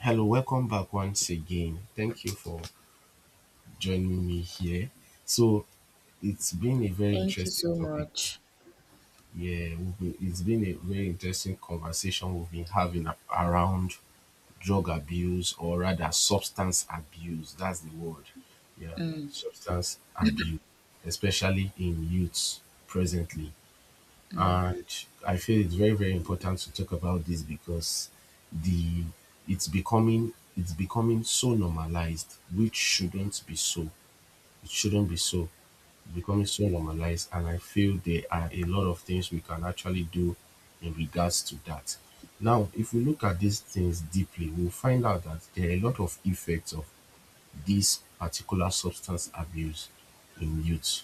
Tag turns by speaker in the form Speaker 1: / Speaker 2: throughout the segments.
Speaker 1: Hello, welcome back once again. Thank you for joining me here. So, it's been a very
Speaker 2: Thank you
Speaker 1: interesting
Speaker 2: so
Speaker 1: topic.
Speaker 2: much.
Speaker 1: It's been a very interesting conversation we've been having around drug abuse or rather substance abuse. That's the word. Yeah,
Speaker 2: Mm,
Speaker 1: substance abuse, especially in youths presently,
Speaker 2: mm,
Speaker 1: and I feel it's very, very important to talk about this because the it's becoming so normalized, which shouldn't be so. It shouldn't be so. It's becoming so normalized, and I feel there are a lot of things we can actually do in regards to that. Now, if we look at these things deeply, we'll find out that there are a lot of effects of this particular substance abuse in youth.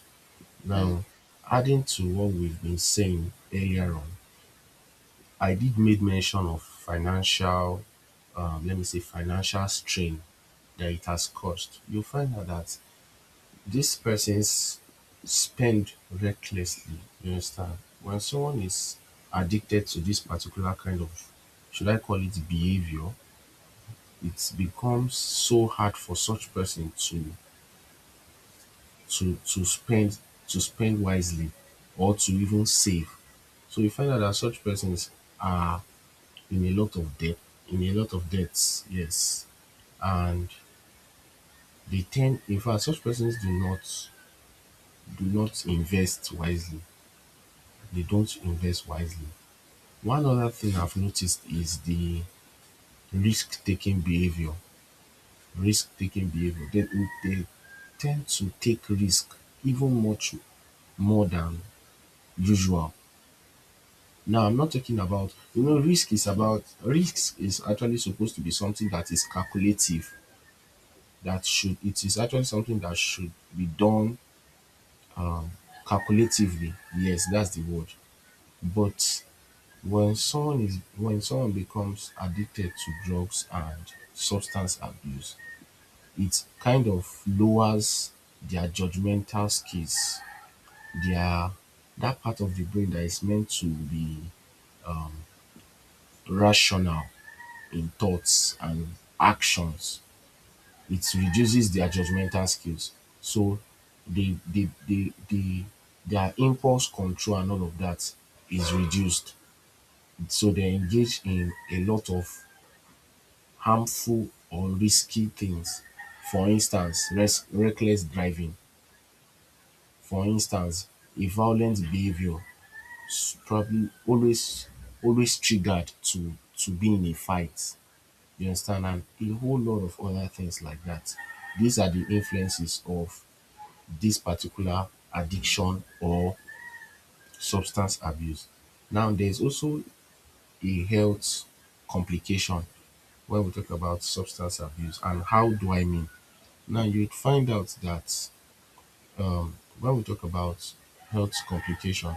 Speaker 2: mm,
Speaker 1: Now, adding to what we've been saying earlier on, I did made mention of financial, let me say, financial strain that it has caused. You'll find out that these persons spend recklessly. You understand? When someone is addicted to this particular kind of, should I call it behavior, it becomes so hard for such person to spend to spend wisely or to even save. So you find out that such persons are in a lot of debt, in a lot of debts, yes. And they tend, in fact, such persons do not invest wisely. They don't invest wisely. One other thing I've noticed is the risk-taking behavior. Risk-taking behavior. They tend to take risk even much more than usual. Now, I'm not talking about, you know, risk is actually supposed to be something that is calculative that should it is actually something that should be done calculatively. Yes, that's the word. But when someone becomes addicted to drugs and substance abuse, it kind of lowers their judgmental skills, their that part of the brain that is meant to be rational in thoughts and actions, it reduces their judgmental skills. So the the the the their impulse control and all of that is reduced. So they engage in a lot of harmful or risky things. For instance, reckless driving. For instance, a violent behavior, probably always triggered to be in a fight. You understand? And a whole lot of other things like that. These are the influences of this particular addiction or substance abuse. Now, there's also a health complication when we talk about substance abuse. And how do I mean? Now, you'd find out that um, when we talk about health complication,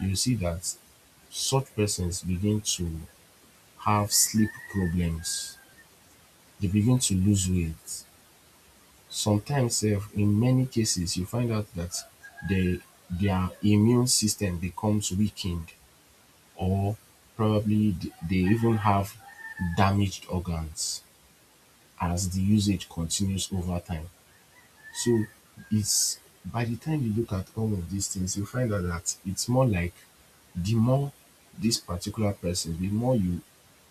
Speaker 1: you see that such persons begin to have sleep problems. They begin to lose weight. Sometimes, sef, in many cases, you find out that they, their immune system becomes weakened, or probably they even have damaged organs as the usage continues over time. So it's by the time you look at all of these things, you find out that it's more like the more this particular person, the more you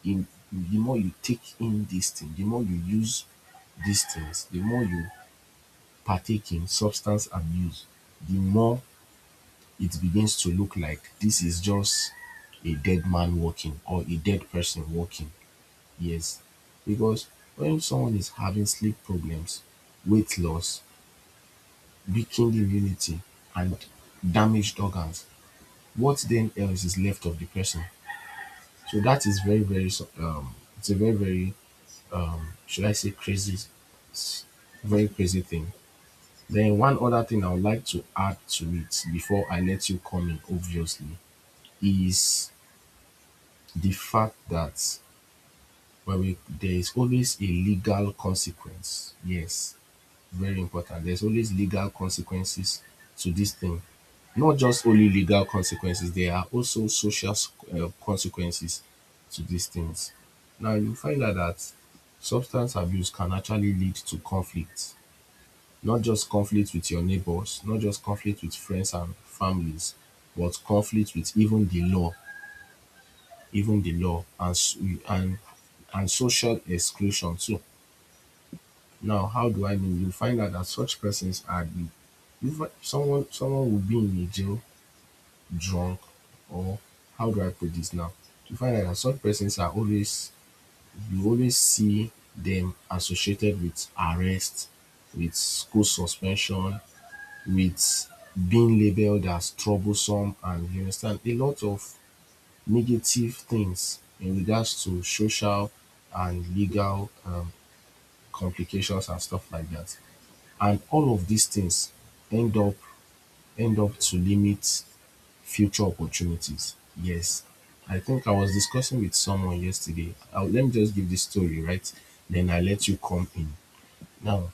Speaker 1: in the more you take in this thing, the more you use these things, the more you partake in substance abuse, the more it begins to look like this is just a dead man walking or a dead person walking. Yes, because when someone is having sleep problems, weight loss, weakened immunity, and damaged organs, what then else is left of the person? So that is very, very, it's a very, very, should I say, crazy, s- very crazy thing. Then one other thing I would like to add to it before I let you come in, obviously, is the fact that, there is always a legal consequence. Yes, very important. There's always legal consequences to this thing. Not just only legal consequences, there are also social consequences to these things. Now, you find out that substance abuse can actually lead to conflict, not just conflict with your neighbors, not just conflict with friends and families, but conflict with even the law, and, and social exclusion too. Now, how do I mean? You find out that such persons are the you someone will be in a jail drunk, or how do I put this now? You find out that such persons are always, you always see them associated with arrest, with school suspension, with being labeled as troublesome, and you understand, a lot of negative things in regards to social and legal, complications and stuff like that. And all of these things end up end up to limit future opportunities. Yes, I think I was discussing with someone yesterday. Let me just give this story right, then I let you come in. Now,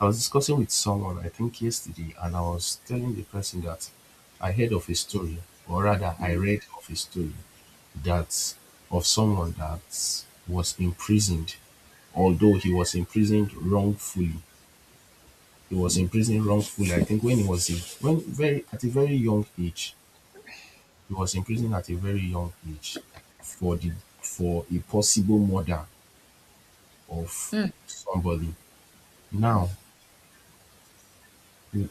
Speaker 1: I was discussing with someone, I think yesterday, and I was telling the person that I heard of a story, or rather I
Speaker 2: mm,
Speaker 1: read of a story, that of someone that was imprisoned. Although he was imprisoned wrongfully, he was imprisoned wrongfully, I think, when, very at a very young age. He was imprisoned at a very young age for the for a possible murder of
Speaker 2: mm,
Speaker 1: somebody.
Speaker 2: mm.
Speaker 1: Now,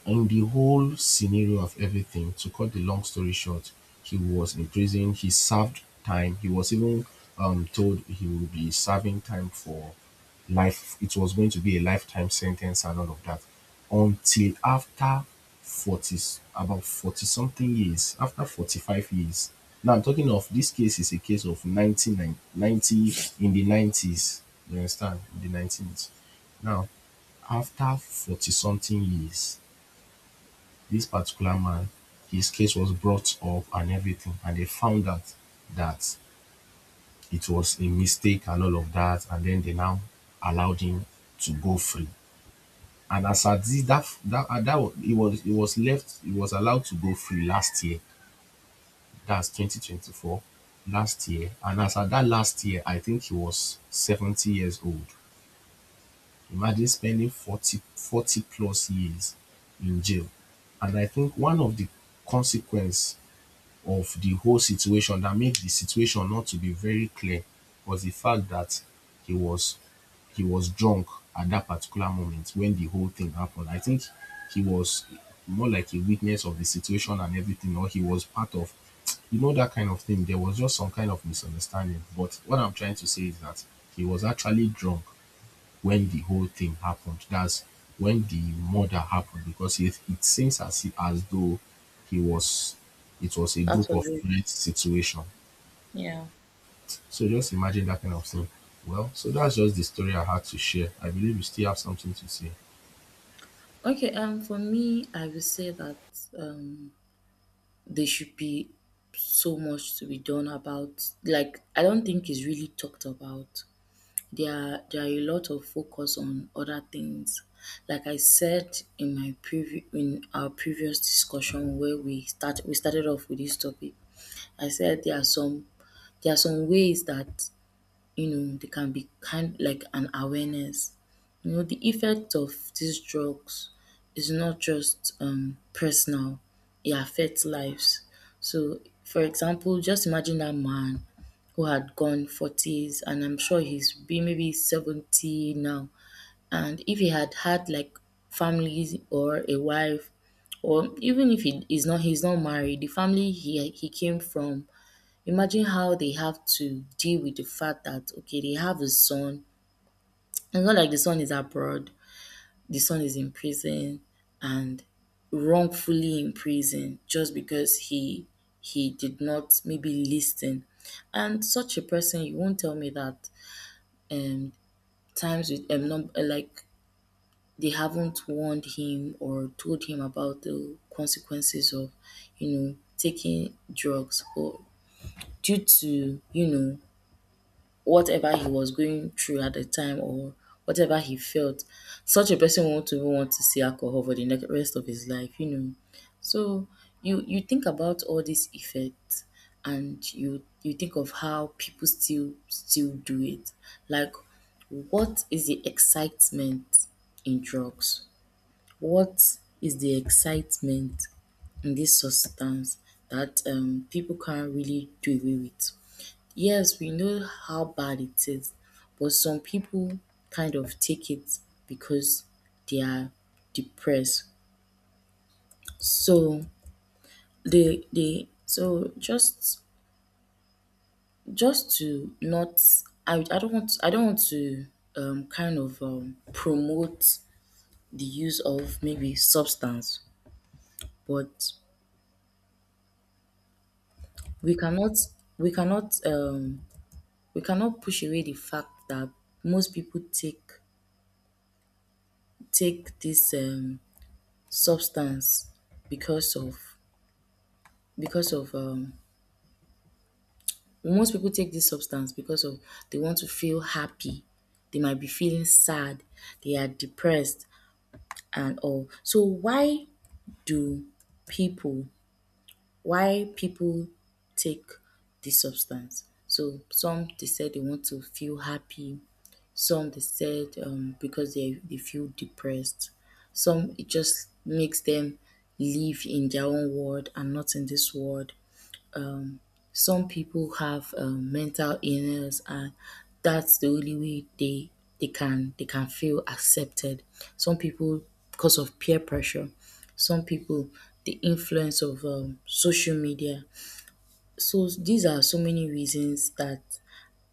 Speaker 1: on the whole scenario of everything, to cut the long story short, he was in prison. He served time. He was even, told he will be serving time for life. It was going to be a lifetime sentence and all of that until after 40, about 40 something years, after 45 years. Now, I'm talking of this case, is a case of 1990, in the 90s. You understand? In the 90s. Now, after 40 something years, this particular man, his case was brought up and everything, and they found out that it was a mistake and all of that, and then they now allowed him to go free. And as at this, he was, he was left he was allowed to go free last year. That's 2024, last year. And as at that last year, I think he was 70 years old. Imagine spending 40 plus years in jail. And I think one of the consequences of the whole situation that makes the situation not to be very clear was the fact that he was he was drunk at that particular moment when the whole thing happened. I think he was more like a witness of the situation and everything, or he was part of, you know, that kind of thing. There was just some kind of misunderstanding. But what I'm trying to say is that he was actually drunk when the whole thing happened. That's when the murder happened, because it seems as if, as though he was it was a
Speaker 2: That
Speaker 1: group
Speaker 2: was
Speaker 1: of
Speaker 2: it.
Speaker 1: friends situation.
Speaker 2: Yeah.
Speaker 1: So just imagine that kind of thing. Well, so that's just the story I had to share. I believe you still have something to say.
Speaker 2: Okay, for me I would say that um there should be so much to be done about, like, I don't think it's really talked about. There are a lot of focus on other things. Like I said in my previous in our previous discussion where we started off with this topic. I said there are some ways that, you know, they can be kind like an awareness. You know, the effect of these drugs is not just personal, it affects lives. So, for example, just imagine that man who had gone 40's, and I'm sure he's been maybe 70 now. And if he had had like families or a wife, or even if he is not, he's not married, the family he came from, imagine how they have to deal with the fact that, okay, they have a son, and not like the son is abroad, the son is in prison, and wrongfully in prison just because he did not maybe listen. And such a person, you won't tell me that um times with like they haven't warned him or told him about the consequences of, you know, taking drugs, or due to, you know, whatever he was going through at the time, or whatever he felt, such a person won't even want to see alcohol for the rest of his life, you know. So you think about all these effects, and you think of how people still do it. Like, what is the excitement in drugs? What is the excitement in this substance that people can't really do away with? Yes, we know how bad it is, but some people kind of take it because they are depressed. So they so just to not, I don't want, I don't want to kind of promote the use of maybe substance, but we cannot, we cannot um we cannot push away the fact that most people take take this substance because of, because of um most people take this substance because of, they want to feel happy, they might be feeling sad, they are depressed, and all. So why do people, why people take this substance? So some, they said they want to feel happy, some they said, because they feel depressed, some it just makes them live in their own world and not in this world. Some people have, mental illness, and that's the only way they they can feel accepted. Some people because of peer pressure, some people the influence of social media. So these are so many reasons that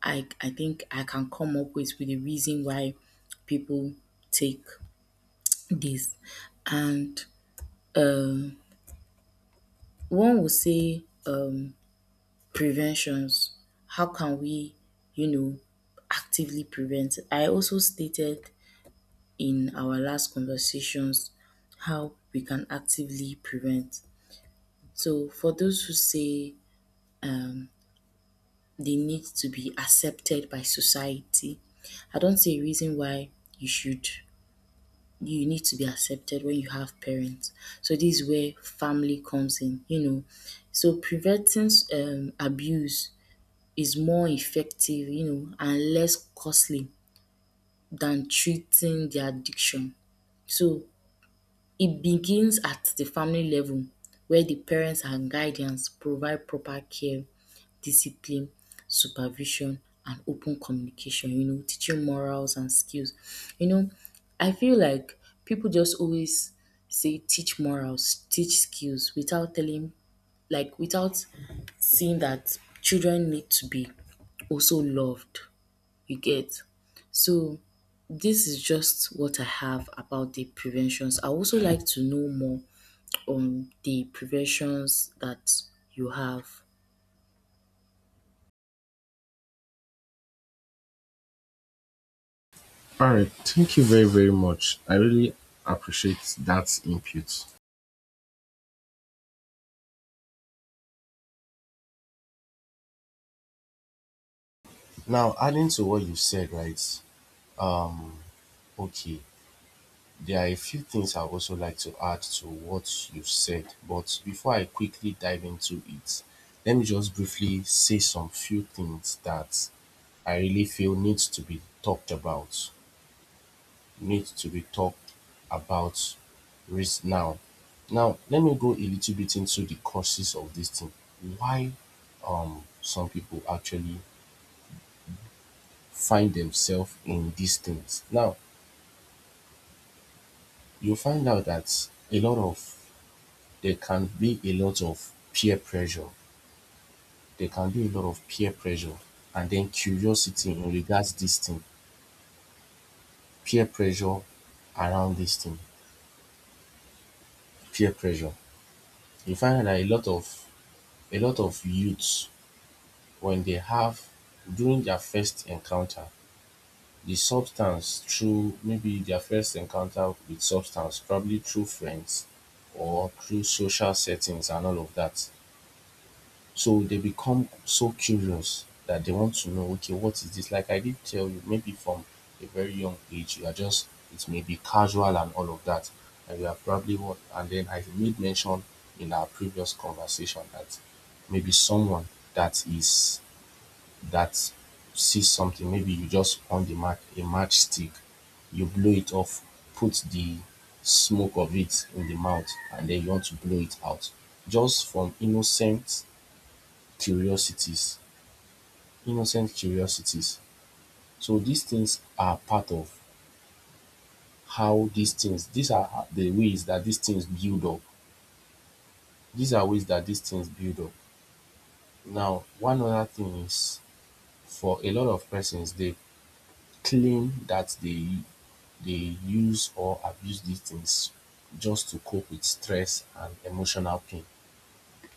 Speaker 2: I think I can come up with the reason why people take this. And um one would say, preventions, how can we, you know, actively prevent? I also stated in our last conversations how we can actively prevent. So for those who say um, they need to be accepted by society, I don't see a reason why you should you need to be accepted when you have parents. So this is where family comes in, you know. So preventing abuse is more effective, you know, and less costly than treating the addiction. So it begins at the family level, where the parents and guardians provide proper care, discipline, supervision, and open communication, you know, teaching morals and skills. You know, I feel like people just always say teach morals, teach skills without telling, like, without seeing that children need to be also loved, you get? So this is just what I have about the preventions. I also like to know more on the preventions that you have.
Speaker 1: All right, thank you very, very much. I really appreciate that input. Now, adding to what you said, right? Um, okay, there are a few things I also like to add to what you've said, but before I quickly dive into it, let me just briefly say some few things that I really feel needs to be talked about, needs to be talked about right now. Now, let me go a little bit into the causes of this thing. Why some people actually find themselves in these things. Now, you find out that a lot of there can be a lot of peer pressure. There can be a lot of peer pressure and then curiosity in regards this thing. Peer pressure around this thing. Peer pressure. You find that a lot of youths, when they have during their first encounter, the substance through maybe their first encounter with substance, probably through friends or through social settings and all of that. So they become so curious that they want to know, okay, what is this? Like I did tell you, maybe from a very young age, it may be casual and all of that. And you are probably what, and then I made mention in our previous conversation that maybe someone that is, that sees something, maybe you just on the match, a matchstick, you blow it off, put the smoke of it in the mouth, and then you want to blow it out. Just from innocent curiosities, innocent curiosities. So these things are part of these are the ways that these things build up. These are ways that these things build up. Now, one other thing is for a lot of persons, they claim that they use or abuse these things just to cope with stress and emotional pain.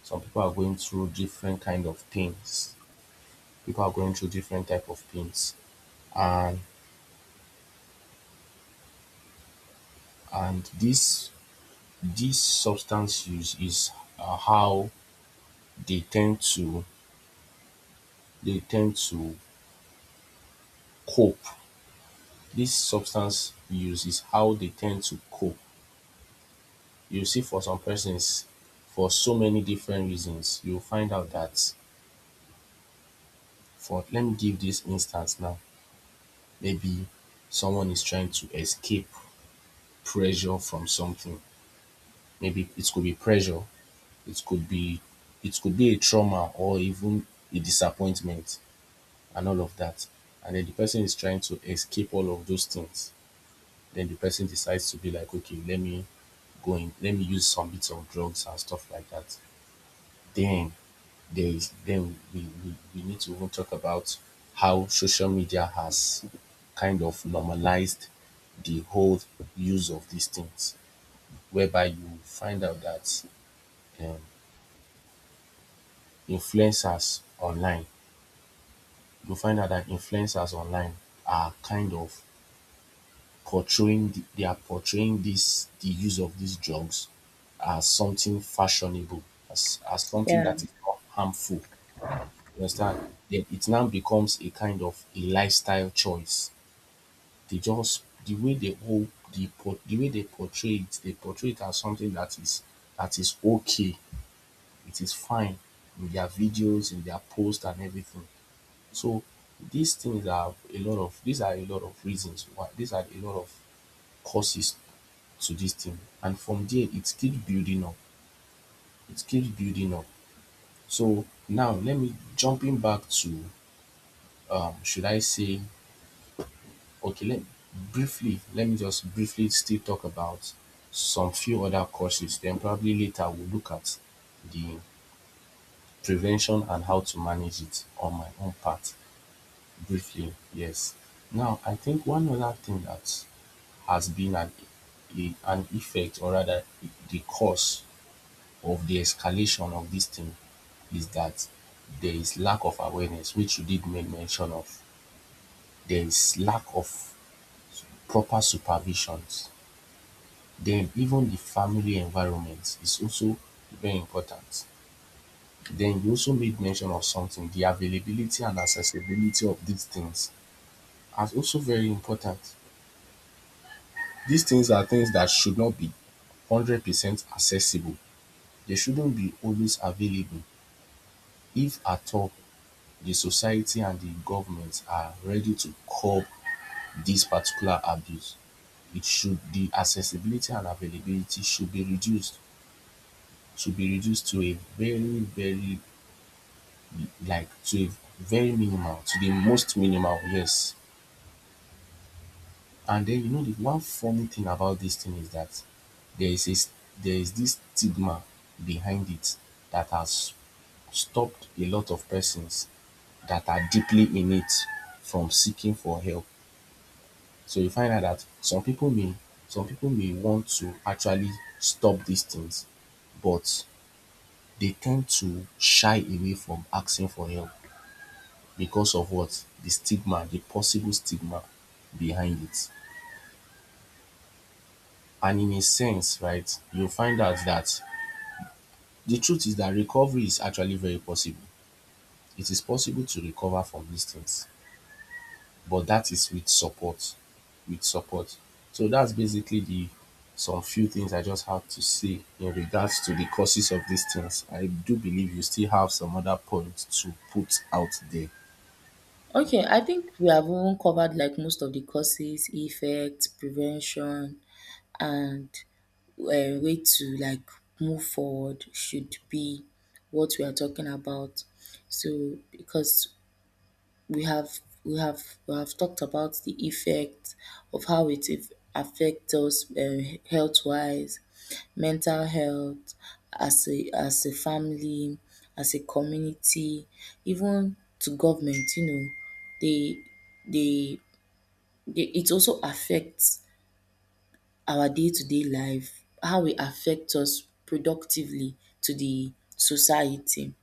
Speaker 1: Some people are going through different kind of pains. People are going through different type of pains, and and this this substance use is, how they tend to they tend to cope. This substance use is how they tend to cope. You see, for some persons, for so many different reasons, you find out that, for, let me give this instance now. Maybe someone is trying to escape pressure from something. Maybe it could be pressure, it could be, it could be a trauma or even a disappointment and all of that. And then the person is trying to escape all of those things. Then the person decides to be like, okay, let me go in, let me use some bits of drugs and stuff like that. Then there is, then we need to even talk about how social media has kind of normalized the whole use of these things, whereby you find out that um, influencers online, you find out that influencers online are kind of portraying they are portraying this, the use of these drugs as something fashionable, as something that is not harmful. You understand? Then it now becomes a kind of a lifestyle choice. They just, the way they hold the the way they portray it as something that is okay. It is fine in their videos, in their posts and everything. So these things are a lot of, these are a lot of causes to this thing, and from there it keeps building up, it keeps building up. So now, let me jumping back to, should I say, okay, let briefly, let me just briefly still talk about some few other causes, then probably later we'll look at the prevention and how to manage it on my own part briefly. Yes, now I think one other thing that has been an a, an effect, or rather the cause of the escalation of this thing, is that there is lack of awareness, which you did make mention of. There is lack of proper supervisions. Then even the family environment is also very important. Then you also made mention of something, the availability and accessibility of these things are also very important. These things are things that should not be 100% accessible. They shouldn't be always available, if at all. The society and the government are ready to curb this particular abuse. It should the accessibility and availability should be reduced, should be reduced to a very, very, like to a very minimal, to the most minimal. Yes. And then, you know, the one funny thing about this thing is that there is a, there is this stigma behind it that has stopped a lot of persons that are deeply in it from seeking for help. So you find out that some people may want to actually stop these things, but they tend to shy away from asking for help because of what? The stigma, the possible stigma behind it. And in a sense, right, you'll find out that the truth is that recovery is actually very possible. It is possible to recover from these things, but that is with support, with support. So that's basically the, some few things I just have to say in regards to the causes of these things. I do believe you still have some other points to put out there.
Speaker 2: Okay, I think we have even covered like most of the causes, effects, prevention, and, way to like move forward should be what we are talking about. So, because we have, we have we have talked about the effect of how it affects us, health wise, mental health, as a family, as a community, even to government, you know, they they, they it also affects our day to day life, how it affects us productively to the society.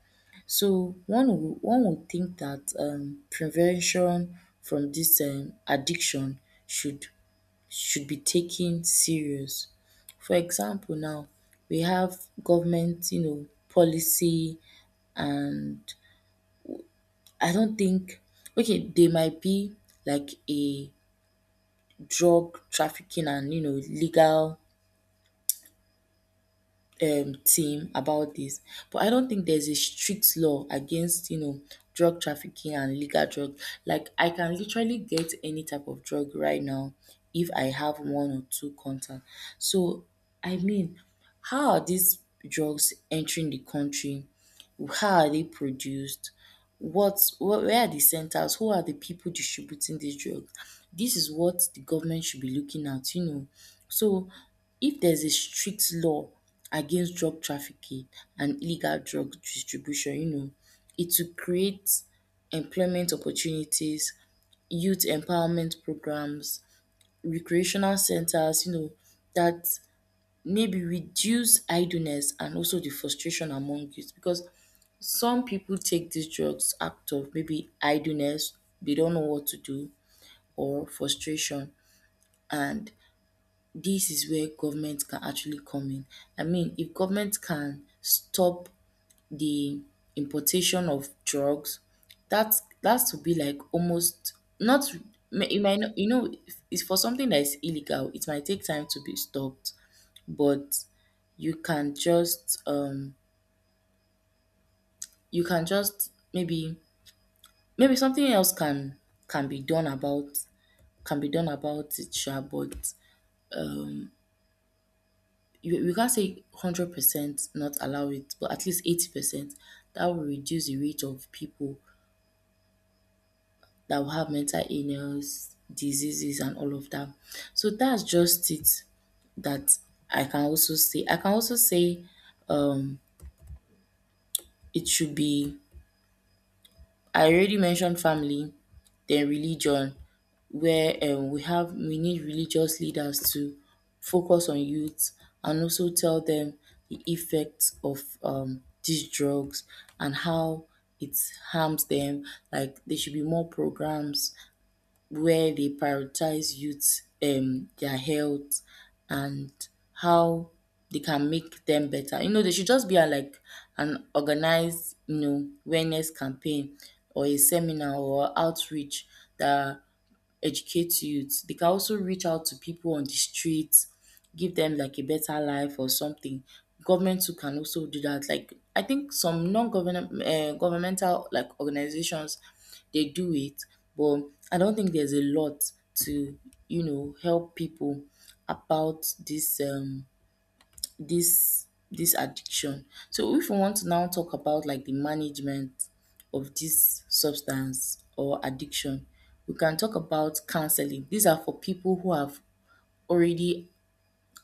Speaker 2: So one would, one would think that, prevention from this, addiction should should be taken serious. For example, now we have government, you know, policy, and I don't think, okay, there might be like a drug trafficking and, you know, legal, team about this, but I don't think there's a strict law against, you know, drug trafficking and legal drug. Like, I can literally get any type of drug right now if I have one or two contacts. So I mean, how are these drugs entering the country? How are they produced? What's what, where are the centers? Who are the people distributing these drugs? This is what the government should be looking at, you know. So if there's a strict law against drug trafficking and illegal drug distribution, you know, it will create employment opportunities, youth empowerment programs, recreational centers, you know, that maybe reduce idleness and also the frustration among youth, because some people take these drugs out of maybe idleness, they don't know what to do, or frustration. And this is where government can actually come in. I mean, if government can stop the importation of drugs, that's to be like almost not. It might not, you know, if it's for something that is illegal. It might take time to be stopped, but you can just, you can just maybe, maybe something else can, can be done about can be done about it. Sure, but you can't say 100% not allow it, but at least 80%, that will reduce the rate of people that will have mental illness, diseases, and all of that. So that's just it that I can also say. I can also say, um, it should be, I already mentioned family, then religion, where we have, we need religious leaders to focus on youth and also tell them the effects of these drugs and how it harms them. Like, there should be more programs where they prioritize youth, their health and how they can make them better. You know, they should just be a, like an organized, you know, awareness campaign or a seminar or outreach that educate youth. They can also reach out to people on the streets, give them like a better life or something. Government too can also do that. Like, I think some non-government, governmental like organizations, they do it, but I don't think there's a lot to, you know, help people about this, this addiction. So if we want to now talk about like the management of this substance or addiction, we can talk about counseling. These are for people who have already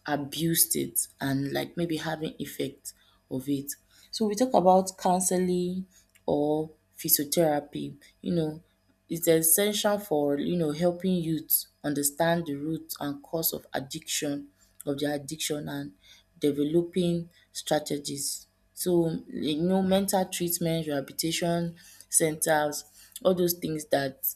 Speaker 2: abused it and like maybe having effect of it. So we talk about counseling or physiotherapy, you know, it's essential for, you know, helping youth understand the root and cause of addiction, of their addiction and developing strategies. So, you know, mental treatment, rehabilitation centers, all those things that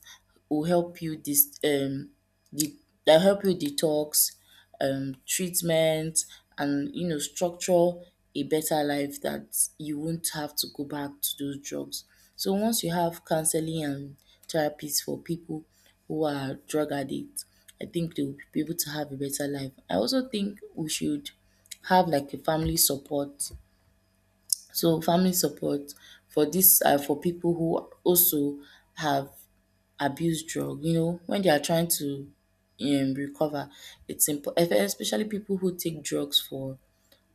Speaker 2: will help you, this the that help you detox, treatment, and, you know, structure a better life that you won't have to go back to those drugs. So once you have counseling and therapies for people who are drug addicts, I think they will be able to have a better life. I also think we should have like a family support. So family support for this for people who also have abuse drug, you know, when they are trying to, recover, it's important, especially people who take drugs for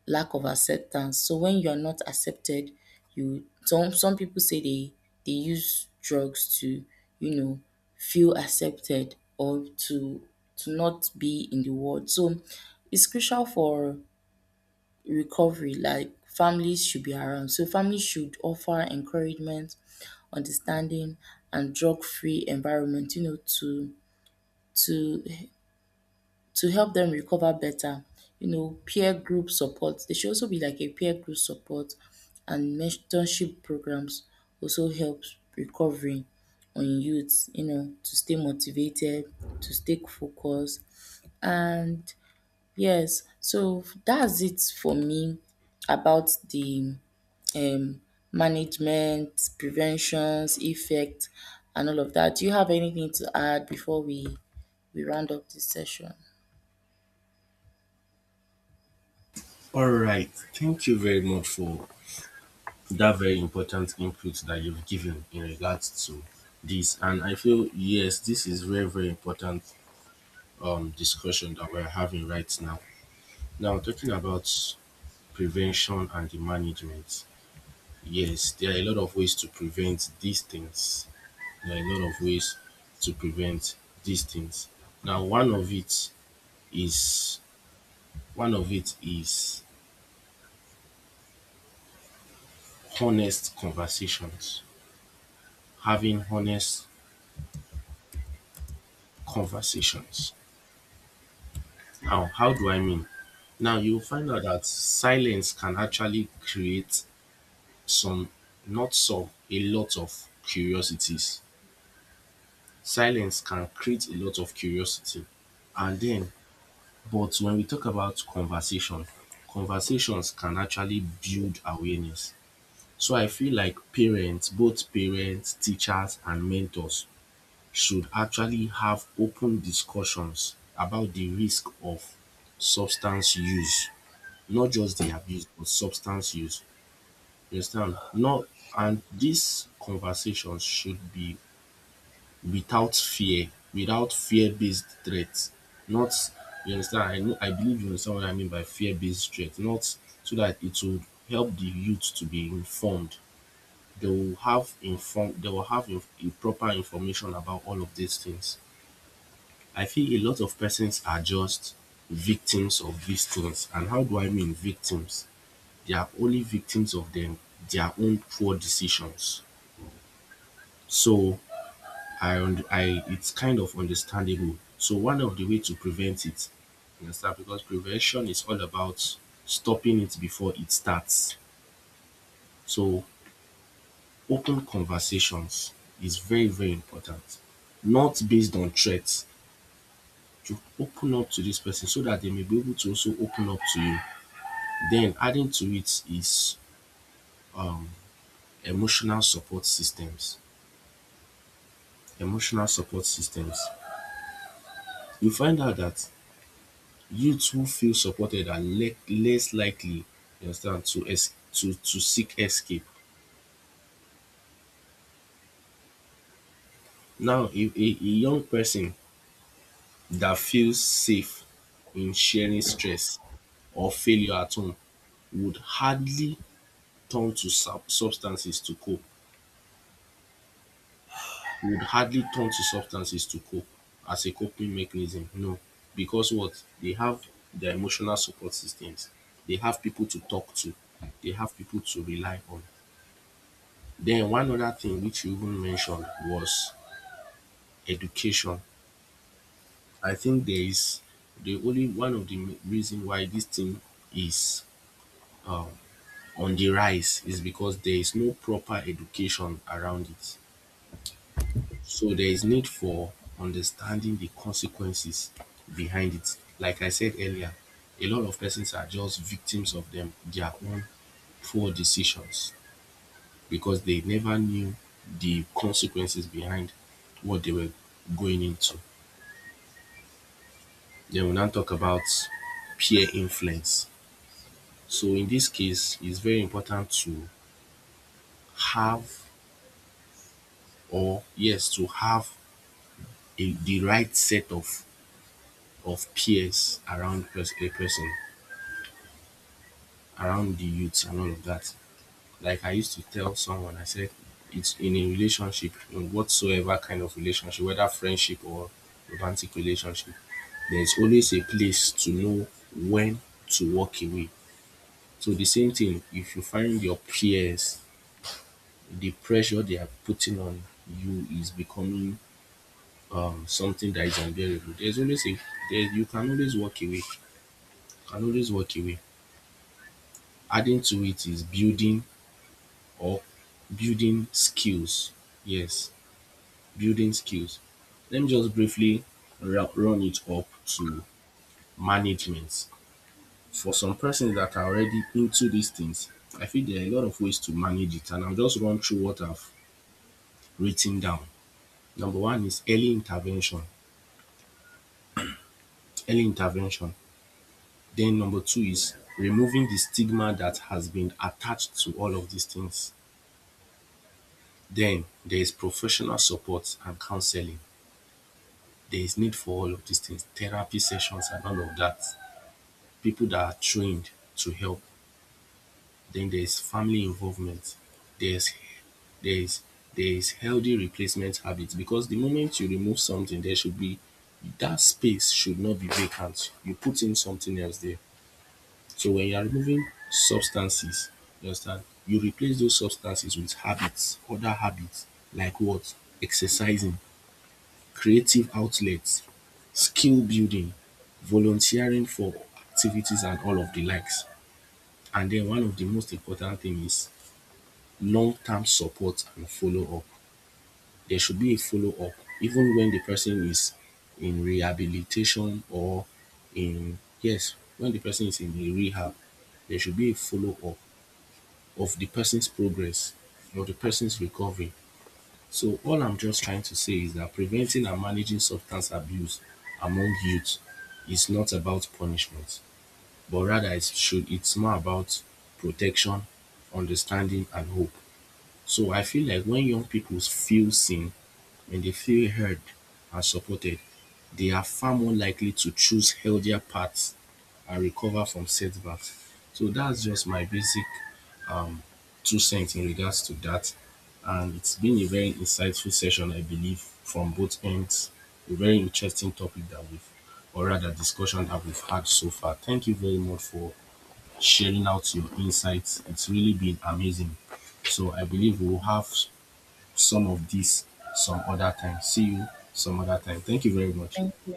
Speaker 2: lack of acceptance. So when you are not accepted, you, some people say they use drugs to, you know, feel accepted, or to not be in the world. So it's crucial for recovery. Like, families should be around. So families should offer encouragement, understanding, and drug-free environment, you know, to, to to help them recover better. You know, peer group support. There should also be like a peer group support and mentorship programs also helps recovery on youth, you know, to stay motivated, to stay focused, and yes, so that's it for me about the, um, management, preventions, effect, and all of that. Do you have anything to add before we round up this session?
Speaker 1: All right. Thank you very much for that very important input that you've given in regards to this. And I feel, yes, this is very, very important discussion that we're having right now. Now, talking about prevention and the management. Yes, there are a lot of ways to prevent these things. There are a lot of ways to prevent these things. Now, is one of it is honest conversations. Having honest conversations. Now, how do I mean? Now you'll find out that silence can actually create some, not some a lot of curiosities. Silence can create a lot of curiosity. And then, but when we talk about conversation, conversations can actually build awareness. So I feel like parents, both parents, teachers and mentors, should actually have open discussions about the risk of substance use. Not just the abuse, but substance use. You understand? Not, and these conversations should be without fear, without fear-based threats. Not, you understand, I know, I believe you understand what I mean by fear-based threats, not, so that it will help the youth to be informed. They will have inform they will have inf- a proper information about all of these things. I feel a lot of persons are just victims of these things. And how do I mean victims? They are only victims of them, their own poor decisions. So I und- I it's kind of understandable. So one of the way to prevent it, you understand, because prevention is all about stopping it before it starts. So open conversations is very, very important. Not based on threats. You open up to this person so that they may be able to also open up to you. Then adding to it is emotional support systems. Emotional support systems. You find out that youths who feel supported are less likely, you understand, to to seek escape. Now if a young person that feels safe in sharing stress or failure at home would hardly turn to substances to cope, would hardly turn to substances to cope as a coping mechanism. No, because what they have, their emotional support systems, they have people to talk to, they have people to rely on. Then one other thing which you even mentioned was education. I think there is the only, one of the reason why this thing is um, on the rise is because there is no proper education around it. So there is need for understanding the consequences behind it. Like I said earlier, a lot of persons are just victims of them, their own poor decisions, because they never knew the consequences behind what they were going into. Then we now talk about peer influence. So in this case, it's very important to have, or yes, to have the right set of peers around a person, around the youths and all of that. Like I used to tell someone, I said, it's in a relationship, in whatsoever kind of relationship, whether friendship or romantic relationship, there's always a place to know when to walk away. So the same thing, if you find your peers, the pressure they are putting on you is becoming something that is unbearable. There you can always walk away. You can always walk away. Adding to it is building, or building skills. Yes, building skills. Let me just briefly run it up to management. For some persons that are already into these things, I feel there are a lot of ways to manage it, and I'll just run through what I've written down. Number one is early intervention. Early intervention. Then number two is removing the stigma that has been attached to all of these things. Then there is professional support and counseling. There is need for all of these things, therapy sessions and all of that. People that are trained to help. Then there is family involvement. There's there is there is healthy replacement habits, because the moment you remove something, there should be, that space should not be vacant. You put in something else there. So when you are removing substances, you understand, you replace those substances with habits, other habits, like what? Exercising, creative outlets, skill building, volunteering for activities and all of the likes. And then one of the most important thing is long term support and follow up. There should be a follow up even when the person is in rehabilitation or in, yes, when the person is in a rehab, there should be a follow up of the person's progress or the person's recovery. So all I'm just trying to say is that preventing and managing substance abuse among youth is not about punishment, but rather it's more about protection, understanding and hope. So I feel like when young people feel seen, when they feel heard and supported, they are far more likely to choose healthier paths and recover from setbacks. So that's just my basic two cents in regards to that. And it's been a very insightful session, I believe, from both ends. A very interesting topic that we've, or rather, discussion that we've had so far. Thank you very much for sharing out your insights. It's really been amazing. So I believe we'll have some of this some other time. See you some other time. Thank you very much.
Speaker 2: Thank